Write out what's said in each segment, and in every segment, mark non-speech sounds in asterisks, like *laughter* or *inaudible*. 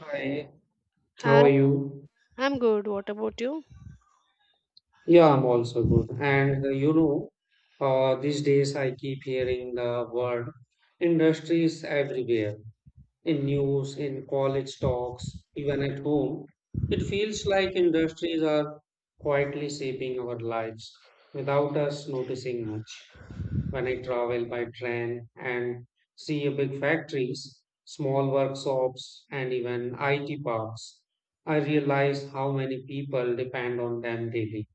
Hi, how I, are you? I'm good. What about you? Yeah, I'm also good. These days I keep hearing the word industries everywhere. In news, in college talks, even at home, it feels like industries are quietly shaping our lives without us noticing much. When I travel by train and see a big factories, small workshops, and even IT parks, I realize how many people depend on them daily.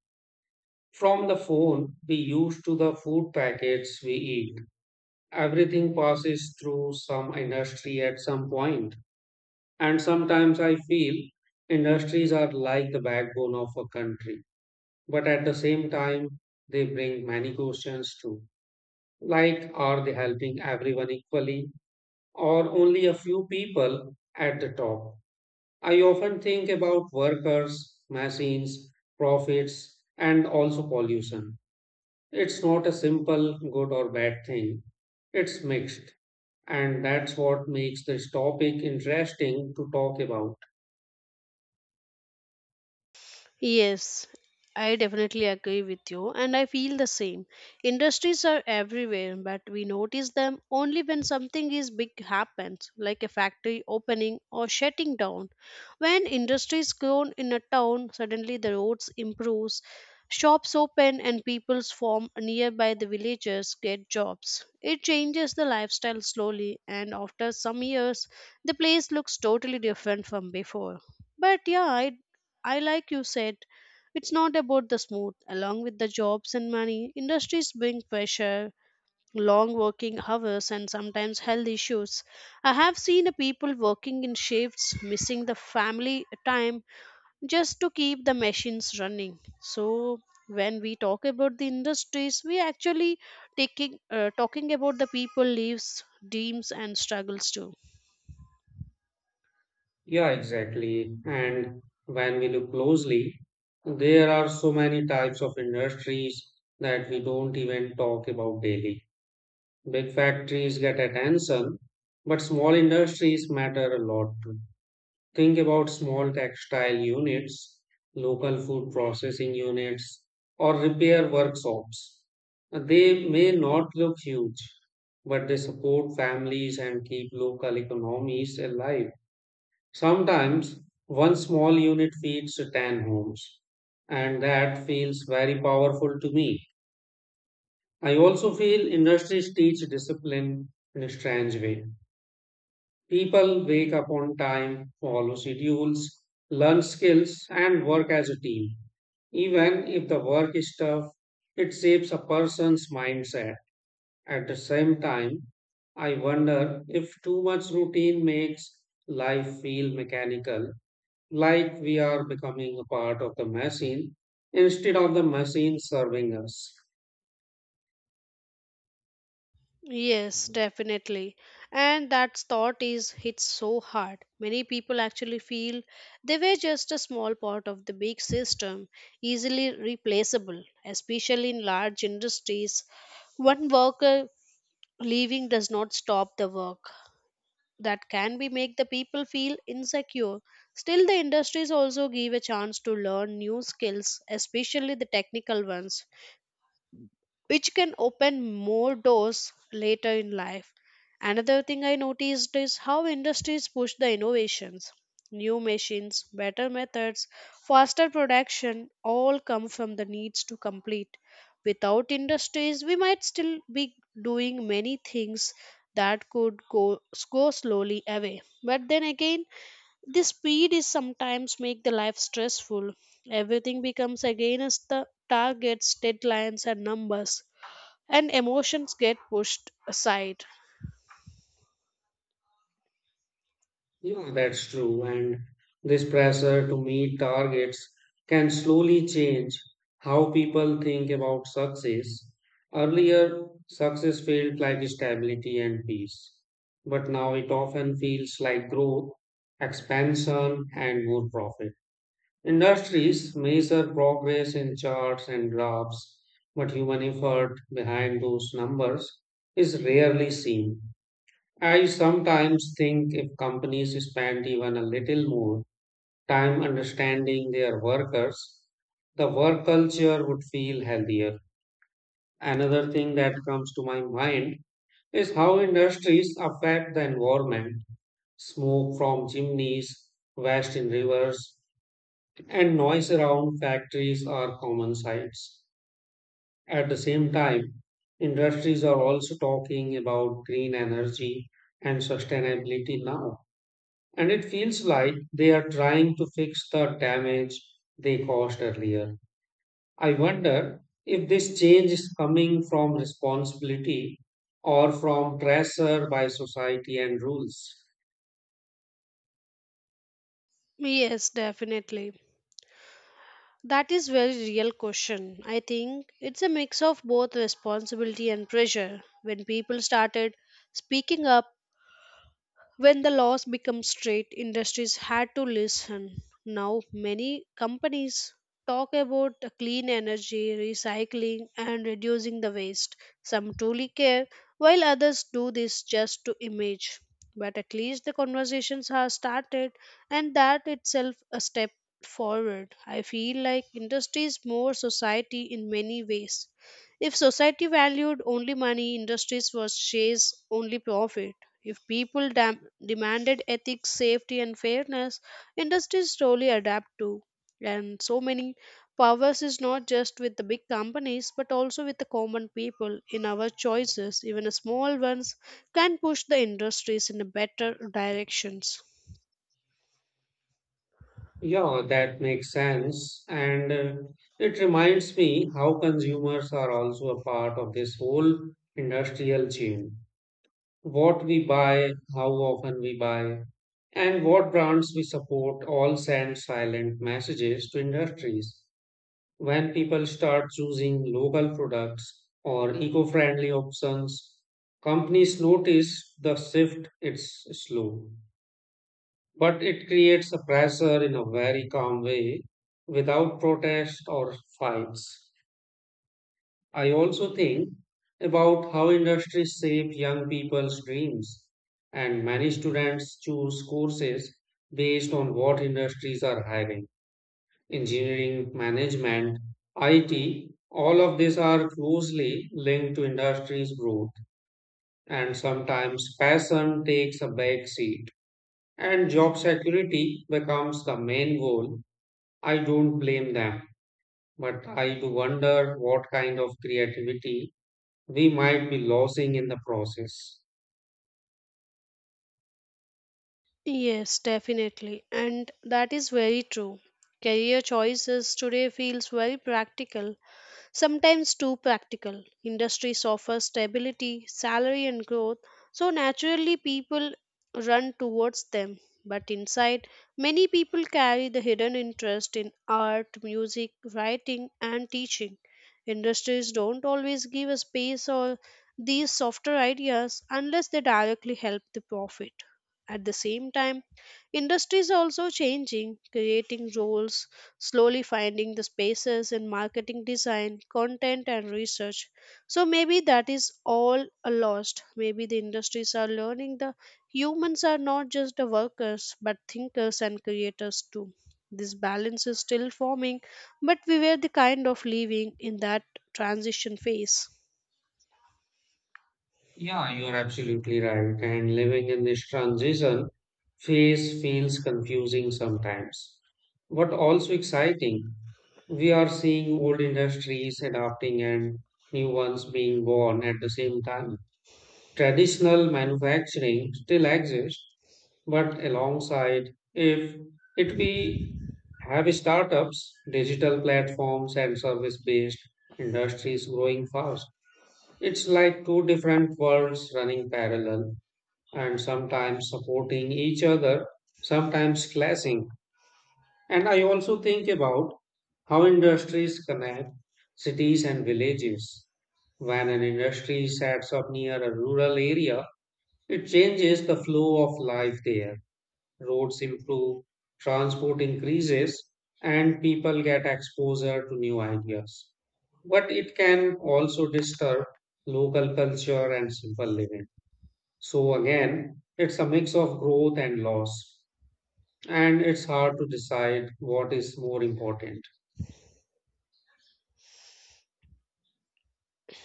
From the phone we use to the food packets we eat, everything passes through some industry at some point. And sometimes I feel industries are like the backbone of a country, but at the same time, they bring many questions too. Like, are they helping everyone equally or only a few people at the top? I often think about workers, machines, profits, and also pollution. It's not a simple good or bad thing, it's mixed. And that's what makes this topic interesting to talk about. Yes, I definitely agree with you, and I feel the same. Industries are everywhere, but we notice them only when something is big happens, like a factory opening or shutting down. When industries grow in a town, suddenly the roads improves, shops open, and peoples form nearby. The villagers get jobs. It changes the lifestyle slowly, and after some years, the place looks totally different from before. But yeah, I like you said, it's not about the smooth. Along with the jobs and money, industries bring pressure, long working hours, and sometimes health issues. I have seen the people working in shifts, missing the family time just to keep the machines running. So when we talk about the industries, we actually taking talking about the people lives, dreams, and struggles too. Yeah, exactly. And when we look closely, there are so many types of industries that we don't even talk about daily. Big factories get attention, but small industries matter a lot too. Think about small textile units, local food processing units, or repair workshops. They may not look huge, but they support families and keep local economies alive. Sometimes one small unit feeds 10 homes, and that feels very powerful to me. I also feel industries teach discipline in a strange way. People wake up on time, follow schedules, learn skills, and work as a team. Even if the work is tough, it shapes a person's mindset. At the same time, I wonder if too much routine makes life feel mechanical, like we are becoming a part of the machine instead of the machine serving us. Yes, definitely. And that thought is hits so hard. Many people actually feel they were just a small part of the big system, easily replaceable, especially in large industries. One worker leaving does not stop the work. That can be make the people feel insecure. Still the industries also give a chance to learn new skills, especially the technical ones which can open more doors later in life. Another thing I noticed is how industries push the innovations. New machines, better methods, faster production all come from the needs to complete. Without industries, we might still be doing many things that could go slowly away. But then again, the speed is sometimes make the life stressful. Everything becomes against the targets, deadlines, and numbers and emotions get pushed aside. Yeah, that's true. And this pressure to meet targets can slowly change how people think about success. Earlier, success felt like stability and peace, but now it often feels like growth, expansion, and more profit. Industries measure progress in charts and graphs, but human effort behind those numbers is rarely seen. I sometimes think if companies spend even a little more time understanding their workers, the work culture would feel healthier. Another thing that comes to my mind is how industries affect the environment. Smoke from chimneys, waste in rivers, and noise around factories are common sights. At the same time, industries are also talking about green energy and sustainability now, and it feels like they are trying to fix the damage they caused earlier. I wonder if this change is coming from responsibility or from pressure by society and rules. Yes, definitely. That is very real question. I think it's a mix of both responsibility and pressure. When people started speaking up when the laws became strict, industries had to listen. Now, many companies talk about clean energy, recycling, and reducing the waste. Some truly care, while others do this just to image. But at least the conversations have started, and that itself a step forward. I feel like industry is more society in many ways if society valued only money, industries would chase only profit. If people demanded ethics, safety, and fairness, industries slowly adapt too. And so many powers is not just with the big companies, but also with the common people in our choices. Even the small ones can push the industries in a better directions. Yeah, that makes sense. And it reminds me how consumers are also a part of this whole industrial chain. What we buy, how often we buy, and what brands we support all send silent messages to industries. When people start choosing local products or eco friendly options, companies notice the shift. It's slow, but it creates a pressure in a very calm way without protest or fights. I also think about how industries shape young people's dreams, and many students choose courses based on what industries are hiring. Engineering, management, IT, all of these are closely linked to industry's growth, and sometimes passion takes a back seat, and job security becomes the main goal. I don't blame them, but I do wonder what kind of creativity we might be losing in the process. Yes, definitely. And that is very true. Career choices today feels very practical sometimes too practical. Industries offer stability, salary, and growth, so naturally people run towards them. But inside, many people carry the hidden interest in art, music, writing, and teaching. Industries don't always give a space or these softer ideas unless they directly help the profit. At the same time, industries are also changing, creating roles, slowly finding the spaces in marketing design, content, and research. So maybe that is all a lost. Maybe the industries are learning the humans are not just the workers, but thinkers and creators too. This balance is still forming, but we were the kind of living in that transition phase. Yeah, you are absolutely right. And living in this transition phase feels confusing sometimes, but also exciting. We are seeing old industries adapting and new ones being born at the same time. Traditional manufacturing still exists, but alongside if it we have startups, digital platforms, and service based industries growing fast. It's like two different worlds running parallel and sometimes supporting each other, sometimes clashing. And I also think about how industries connect cities and villages. When an industry sets up near a rural area, it changes the flow of life there. Roads improve, transport increases, and people get exposure to new ideas. But it can also disturb local culture and simple living. So, again, it's a mix of growth and loss, and it's hard to decide what is more important.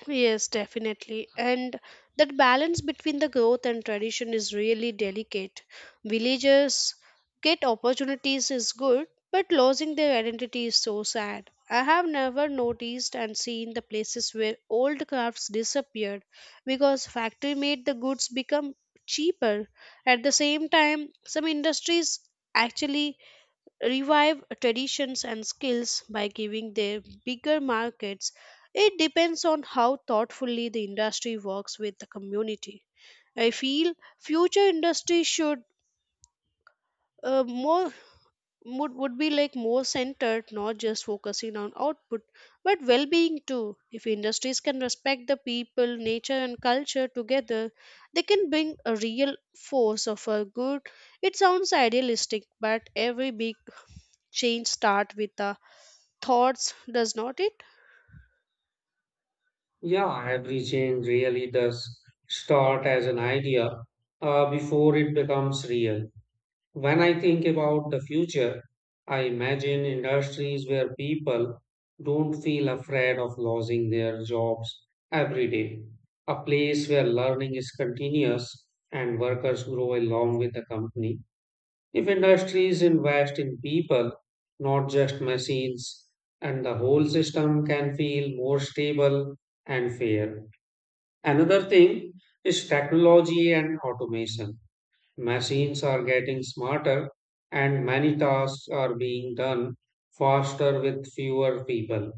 Yes, definitely. And that balance between the growth and tradition is really delicate. Villagers get opportunities is good, but losing their identity is so sad. I have never noticed and seen the places where old crafts disappeared because factory made the goods become cheaper. At the same time, some industries actually revive traditions and skills by giving them bigger markets. It depends on how thoughtfully the industry works with the community. I feel future industry should more would be like more centered, not just focusing on output, but well-being too. If industries can respect the people, nature, and culture together, they can bring a real force of a good. It sounds idealistic, but every big change start with a thoughts does not it. Yeah, every change really does start as an idea before it becomes real. When I think about the future, I imagine industries where people don't feel afraid of losing their jobs every day. A place where learning is continuous and workers grow along with the company. If industries invest in people, not just machines, and the whole system can feel more stable and fair. Another thing is technology and automation. Machines are getting smarter, and many tasks are being done faster with fewer people.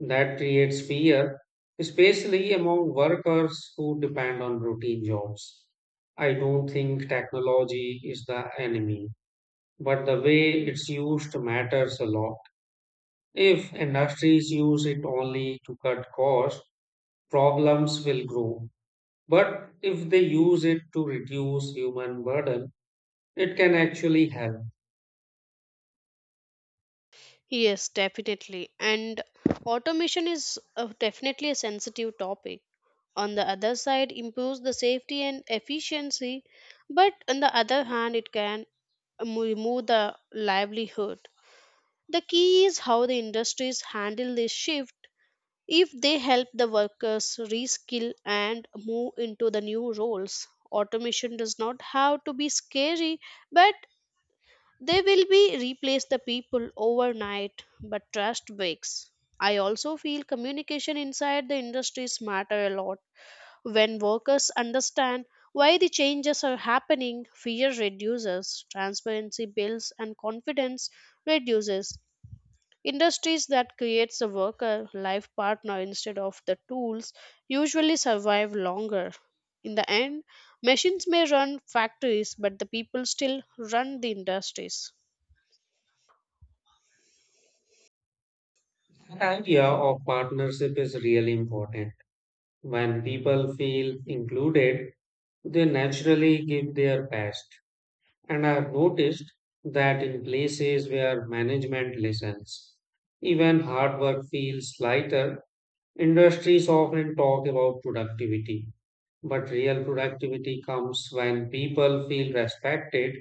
That creates fear, especially among workers who depend on routine jobs. I don't think technology is the enemy, but the way it's used matters a lot. If industries use it only to cut costs, problems will grow. But if they use it to reduce human burden, it can actually help. Yes, definitely, and automation is definitely a sensitive topic. On the other side improves the safety and efficiency, but on the other hand it can remove the livelihood. The key is how the industries handle this shift. If they help the workers reskill and move into the new roles, automation does not have to be scary. But they will be replace the people overnight, but trust breaks. I also feel communication inside the industries matter a lot. When workers understand why the changes are happening, fear reduces, transparency builds, and confidence reduces. Industries that creates a worker life partner instead of the tools usually survive longer. In the end, machines may run factories, but the people still run the industries. That idea of partnership is really important. When people feel included, they naturally give their best. And I've noticed that in places where management listens, even hard work feels lighter. Industries often talk about productivity, but real productivity comes when people feel respected.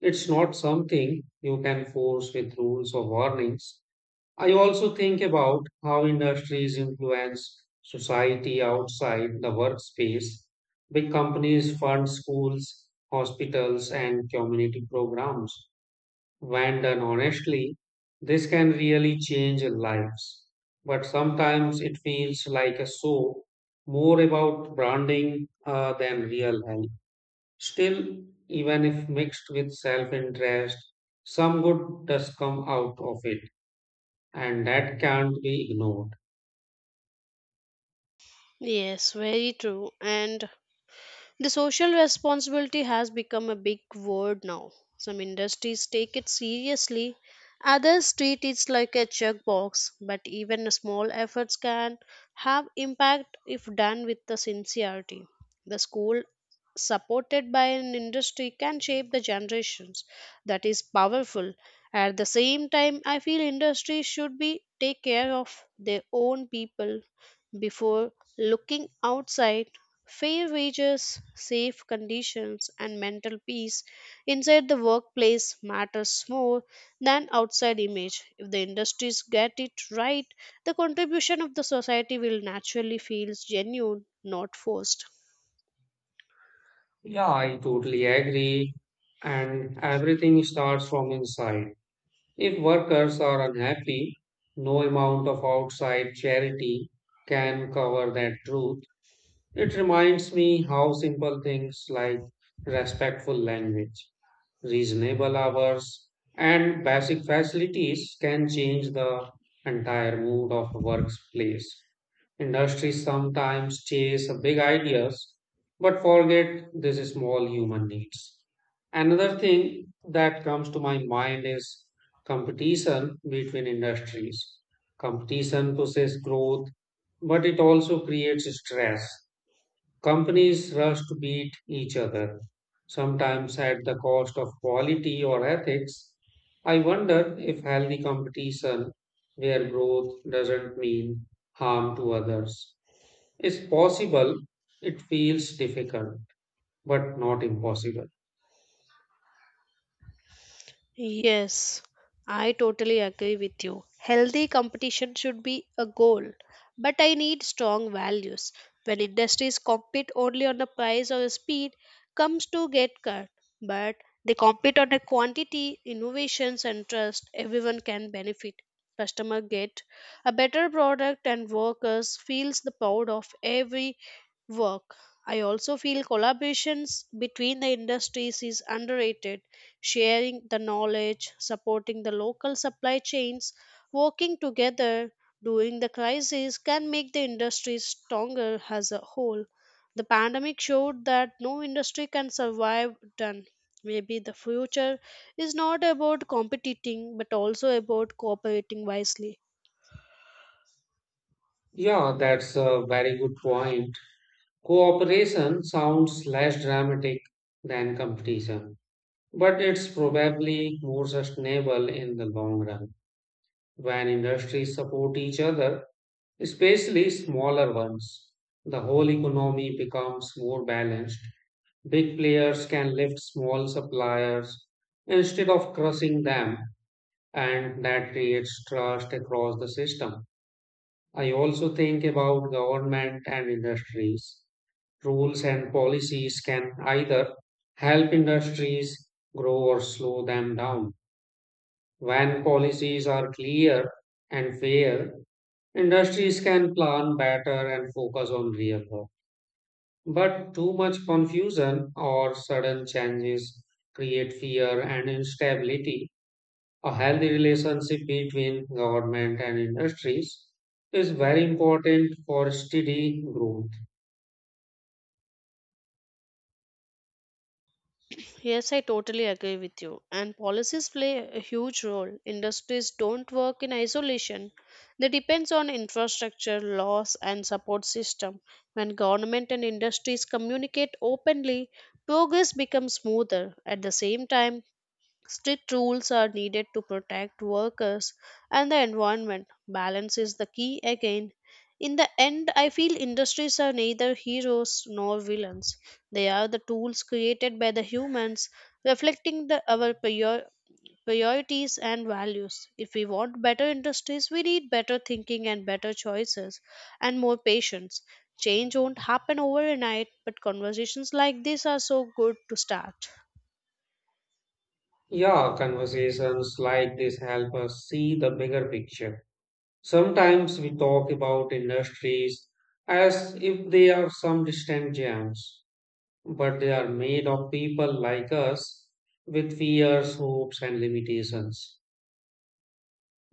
It's not something you can force with rules or warnings. I also think about how industries influence society outside the workspace. Big companies fund schools, hospitals, and community programs. When done honestly, this can really change lives. But sometimes it feels like a show, more about branding than real help. Still, even if mixed with self interest, some good does come out of it and that can't be ignored. Yes, very true. And the social responsibility has become a big word now. Some industries take it seriously, others treat it like a checkbox, but even small efforts can have impact if done with the sincerity. The school supported by an industry can shape the generations. That is powerful. At the same time, I feel industry should be take care of their own people before looking outside. Fair wages, safe conditions, and mental peace inside the workplace matters more than outside image. If the industries get it right, the contribution of the society will naturally feel genuine, not forced. Yeah, I totally agree. And everything starts from inside. If workers are unhappy, no amount of outside charity can cover that truth. It reminds me how simple things like respectful language, reasonable hours, and basic facilities can change the entire mood of a workplace. Industries sometimes chase big ideas but forget these small human needs. Another thing that comes to my mind is competition between industries. Competition pushes growth, but it also creates stress. Companies rush to beat each other, sometimes at the cost of quality or ethics. I wonder if healthy competition, where growth doesn't mean harm to others, is possible. It feels difficult, but not impossible. Yes, I totally agree with you. Healthy competition should be a goal, but I need strong values. When industries compete only on the price or speed, comes to get cut. But they compete on the quantity, innovations, and trust. Everyone can benefit. Customer get a better product, and workers feels the proud of every work. I also feel collaborations between the industries is underrated. Sharing the knowledge, supporting the local supply chains, working together during the crisis can make the industry stronger as a whole. The pandemic showed that no industry can survive done. Maybe the future is not about competing but also about cooperating wisely. Yeah, that's a very good point. Cooperation sounds less dramatic than competition, but it's probably more sustainable in the long run. When industries support each other, especially smaller ones, the whole economy becomes more balanced. Big players can lift small suppliers instead of crushing them, and that creates trust across the system. I also think about government and industries. Rules and policies can either help industries grow or slow them down. When policies are clear and fair, industries can plan better and focus on real work. But too much confusion or sudden changes create fear and instability. A healthy relationship between government and industries is very important for steady growth. Yes, I totally agree with you. And policies play a huge role. Industries don't work in isolation. They depends on infrastructure, laws and support system. When government and industries communicate openly, progress becomes smoother. At the same time, strict rules are needed to protect workers and the environment. Balance is the key again. In the end, I feel industries are neither heroes nor villains. They are the tools created by the humans, reflecting our priorities and values. If we want better industries, we need better thinking and better choices and more patience. Change won't happen overnight, but conversations like this are so good to start. Yeah, conversations like this help us see the bigger picture. Sometimes we talk about industries as if they are some distant giants, but they are made of people like us with fears, hopes, and limitations.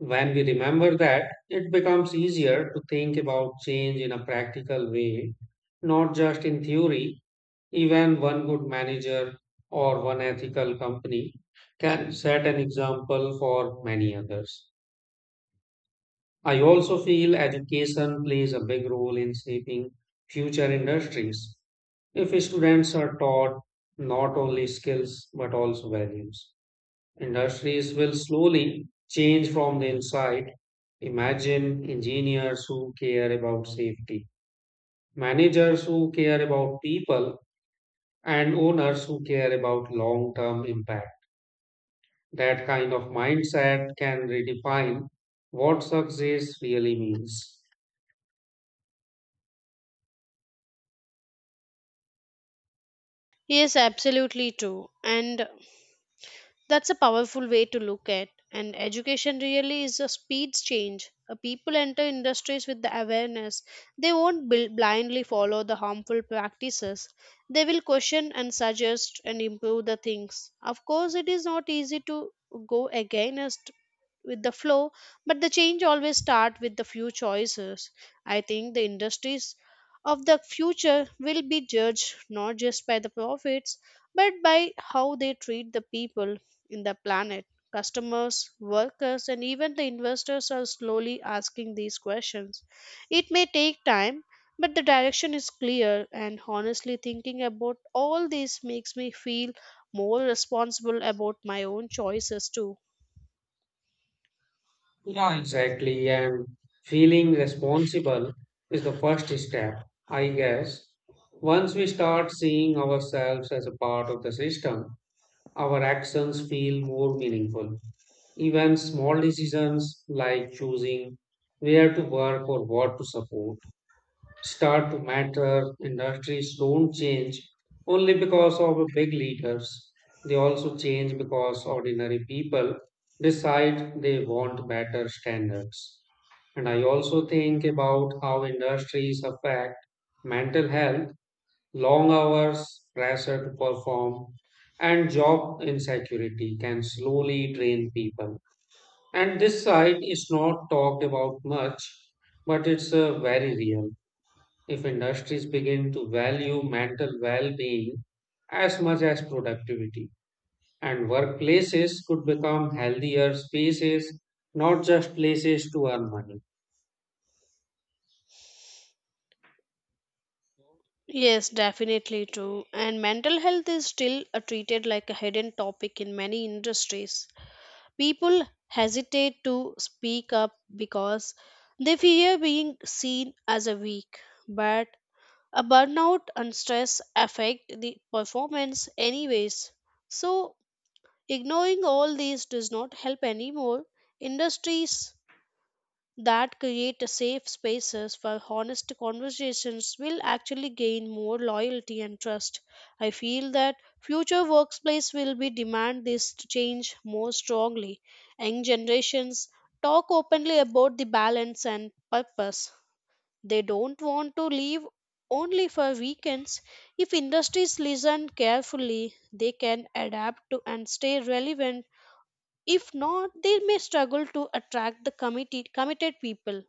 When we remember that, it becomes easier to think about change in a practical way, not just in theory. Even one good manager or one ethical company can set an example for many others. I also feel education plays a big role in shaping future industries if students are taught not only skills but also values. Industries will slowly change from the inside. Imagine engineers who care about safety, managers who care about people, and owners who care about long term impact. That kind of mindset can redefine what success really means. Yes, absolutely true. And that's a powerful way to look at, and education really is a speed change. People enter industries with the awareness. They won't blindly follow the harmful practices. They will question and suggest and improve the things. Of course, it is not easy to go against with the flow, but the change always start with the few choices. I think the industries of the future will be judged not just by the profits, but by how they treat the people in the planet. Customers, workers, and even the investors are slowly asking these questions. It may take time, but the direction is clear, and honestly, thinking about all this makes me feel more responsible about my own choices too. Yeah, exactly. And feeling responsible is the first step, I guess. Once we start seeing ourselves as a part of the system, our actions feel more meaningful. Even small decisions like choosing where to work or what to support start to matter. Industries don't change only because of big leaders, they also change because ordinary people decide they want better standards. And I also think about how industries affect mental health. Long hours, pressure to perform, and job insecurity can slowly drain people. And this side is not talked about much, but it's very real. If industries begin to value mental well being as much as productivity, and workplaces could become healthier spaces, not just places to earn money. Yes, definitely true. And mental health is still treated like a hidden topic in many industries. People hesitate to speak up because they fear being seen as a weak. But a burnout and stress affect the performance anyways, so ignoring all these does not help anymore. Industries that create a safe spaces for honest conversations will actually gain more loyalty and trust. I feel that future workplace will be demand this to change more strongly. Young generations talk openly about the balance and purpose. They don't want to leave only for weekends. If industries listen carefully, they can adapt to and stay relevant. If not, they may struggle to attract the committed people.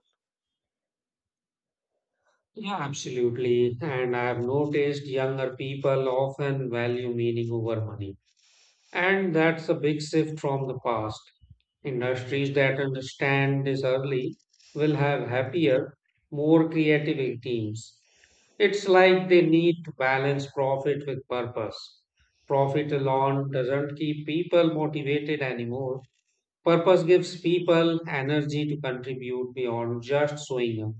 Yeah, absolutely. And I've noticed younger people often value meaning over money. And that's a big shift from the past. Industries that understand this early will have happier, more creative teams. It's like they need to balance profit with purpose. Profit alone doesn't keep people motivated anymore. Purpose gives people energy to contribute beyond just showing up.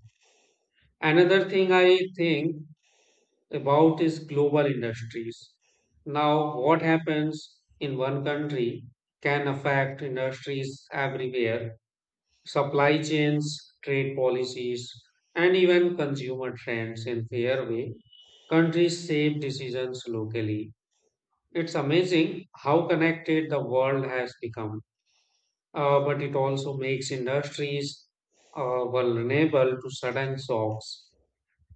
Another thing I think about is global industries. Now, what happens in one country can affect industries everywhere, supply chains, trade policies, and even consumer trends in fair way. Countries shape decisions locally. It's amazing how connected the world has become, but it also makes industries vulnerable to sudden shocks.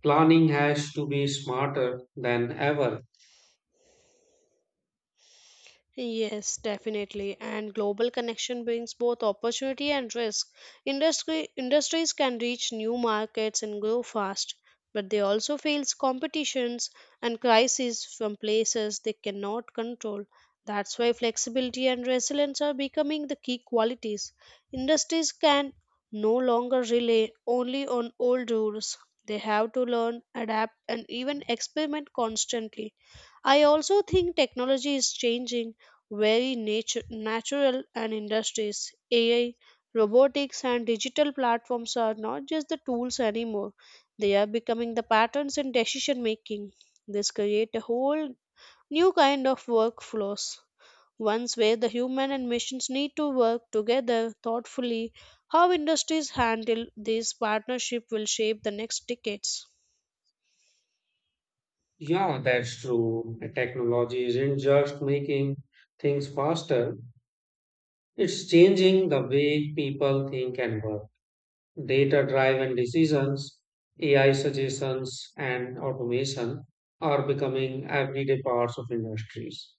Planning has to be smarter than ever. Yes, definitely. And global connection brings both opportunity and risk. Industry industries can reach new markets and grow fast, but they also face competitions and crises from places they cannot control. That's why flexibility and resilience are becoming the key qualities. Industries can no longer rely only on old rules. They have to learn, adapt, and even experiment constantly. I also think technology is changing natural and industries. AI, robotics, and digital platforms are not just the tools anymore, they are becoming the patterns in decision making. This create a whole new kind of workflows. Ones where the human and machines need to work together thoughtfully, how industries handle this partnership will shape the next decades. Yeah, that's true. The technology isn't just making things faster, it's changing the way people think and work. Data driven decisions, AI suggestions, and automation are becoming everyday parts of industries.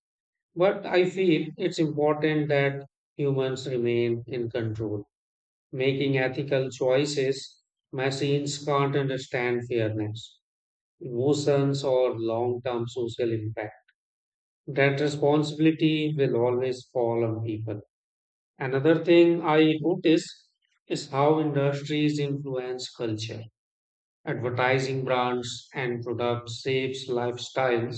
But I feel it's important that humans remain in control, making ethical choices. Machines can't understand fairness, emotions, or long term social impact. That responsibility will always fall on people. Another thing I notice is how industries influence culture. Advertising brands and products shapes lifestyles,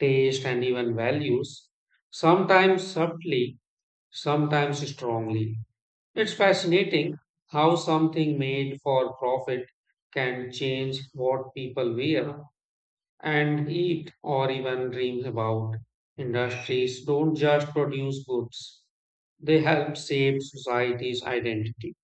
taste, and even values, sometimes subtly, sometimes strongly. It's fascinating how something made for profit can change what people wear and eat or even dreams about. Industries don't just produce goods, they help shape society's identity.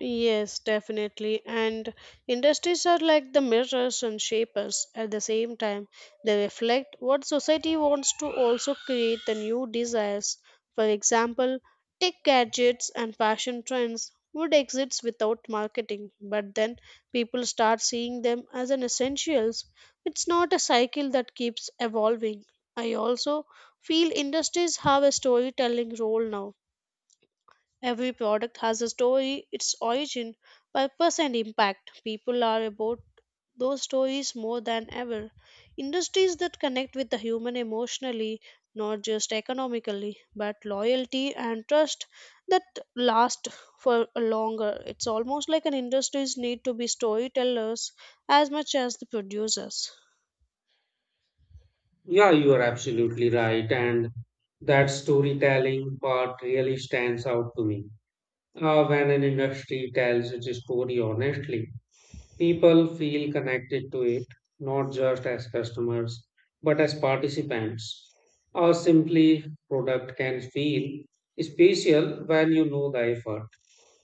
Yes, definitely. And industries are like the mirrors and shapers at the same time. They reflect what society wants to also create the new desires. For example, tech gadgets and fashion trends would exist without marketing, but then people start seeing them as an essentials. It's not a cycle that keeps evolving. I also feel industries have a storytelling role now. Every product has a story, its origin, purpose, and impact. People are about those stories more than ever. Industries that connect with the human emotionally, not just economically, but loyalty and trust that last for longer. It's almost like an industries need to be storytellers as much as the producers. Yeah, you are absolutely right. And that storytelling part really stands out to me. When an industry tells its story honestly, people feel connected to it, not just as customers, but as participants. Or simply, product can feel special when you know the effort,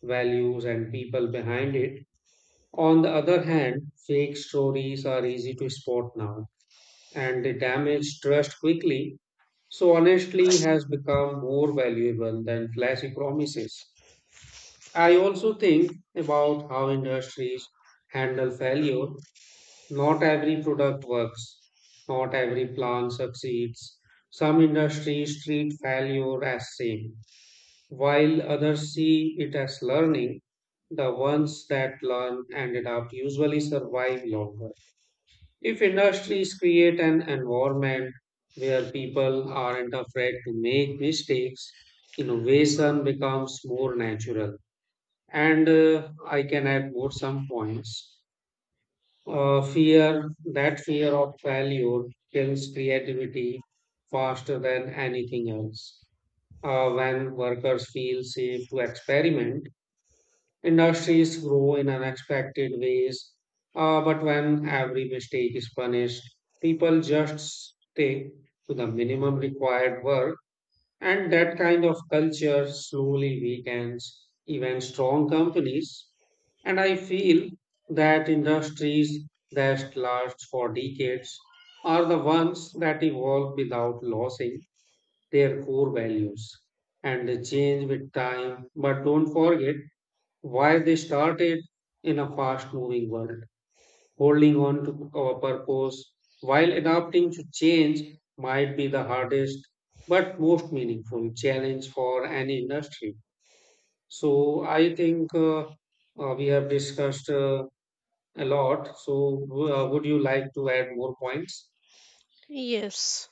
values, and people behind it. On the other hand, fake stories are easy to spot now and they damage trust quickly. So, honesty has become more valuable than flashy promises. I also think about how industries handle failure. Not every product works, not every plan succeeds. Some industries treat failure as same while others see it as learning. The ones that learn and adapt usually survive longer. If industries create an environment where people aren't afraid to make mistakes, innovation becomes more natural. And I can add more some points. That fear of failure kills creativity faster than anything else. When workers feel safe to experiment, industries grow in unexpected ways, but when every mistake is punished, people just stay to the minimum required work, and that kind of culture slowly weakens even strong companies. And I feel that industries that last for decades are the ones that evolve without losing their core values and they change with time. But don't forget why they started in a fast moving world. Holding on to our purpose while adapting to change might be the hardest but most meaningful challenge for any industry. So, I think we have discussed a lot. So, would you like to add more points? Yes.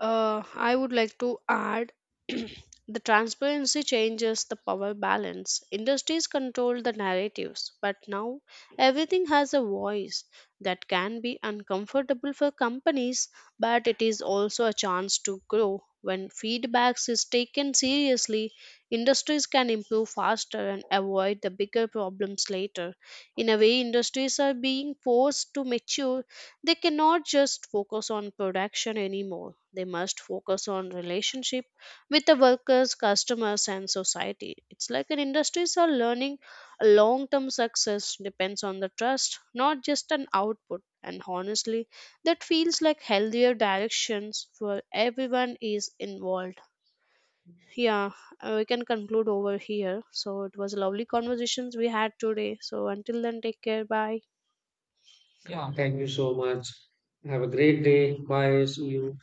I would like to add *clears throat* the transparency changes the power balance. Industries control the narratives, but now everything has a voice that can be uncomfortable for companies, but it is also a chance to grow. When feedbacks is taken seriously, industries can improve faster and avoid the bigger problems later. In a way, industries are being forced to mature. They cannot just focus on production anymore. They must focus on relationship with the workers, customers and society. It's like an industries are learning a long-term success depends on the trust, not just an output. And honestly, that feels like healthier directions where everyone is involved. Yeah, we can conclude over here. So it was lovely conversations we had today. So until then, take care. Bye. Yeah. Thank you so much. Have a great day. Bye. See you.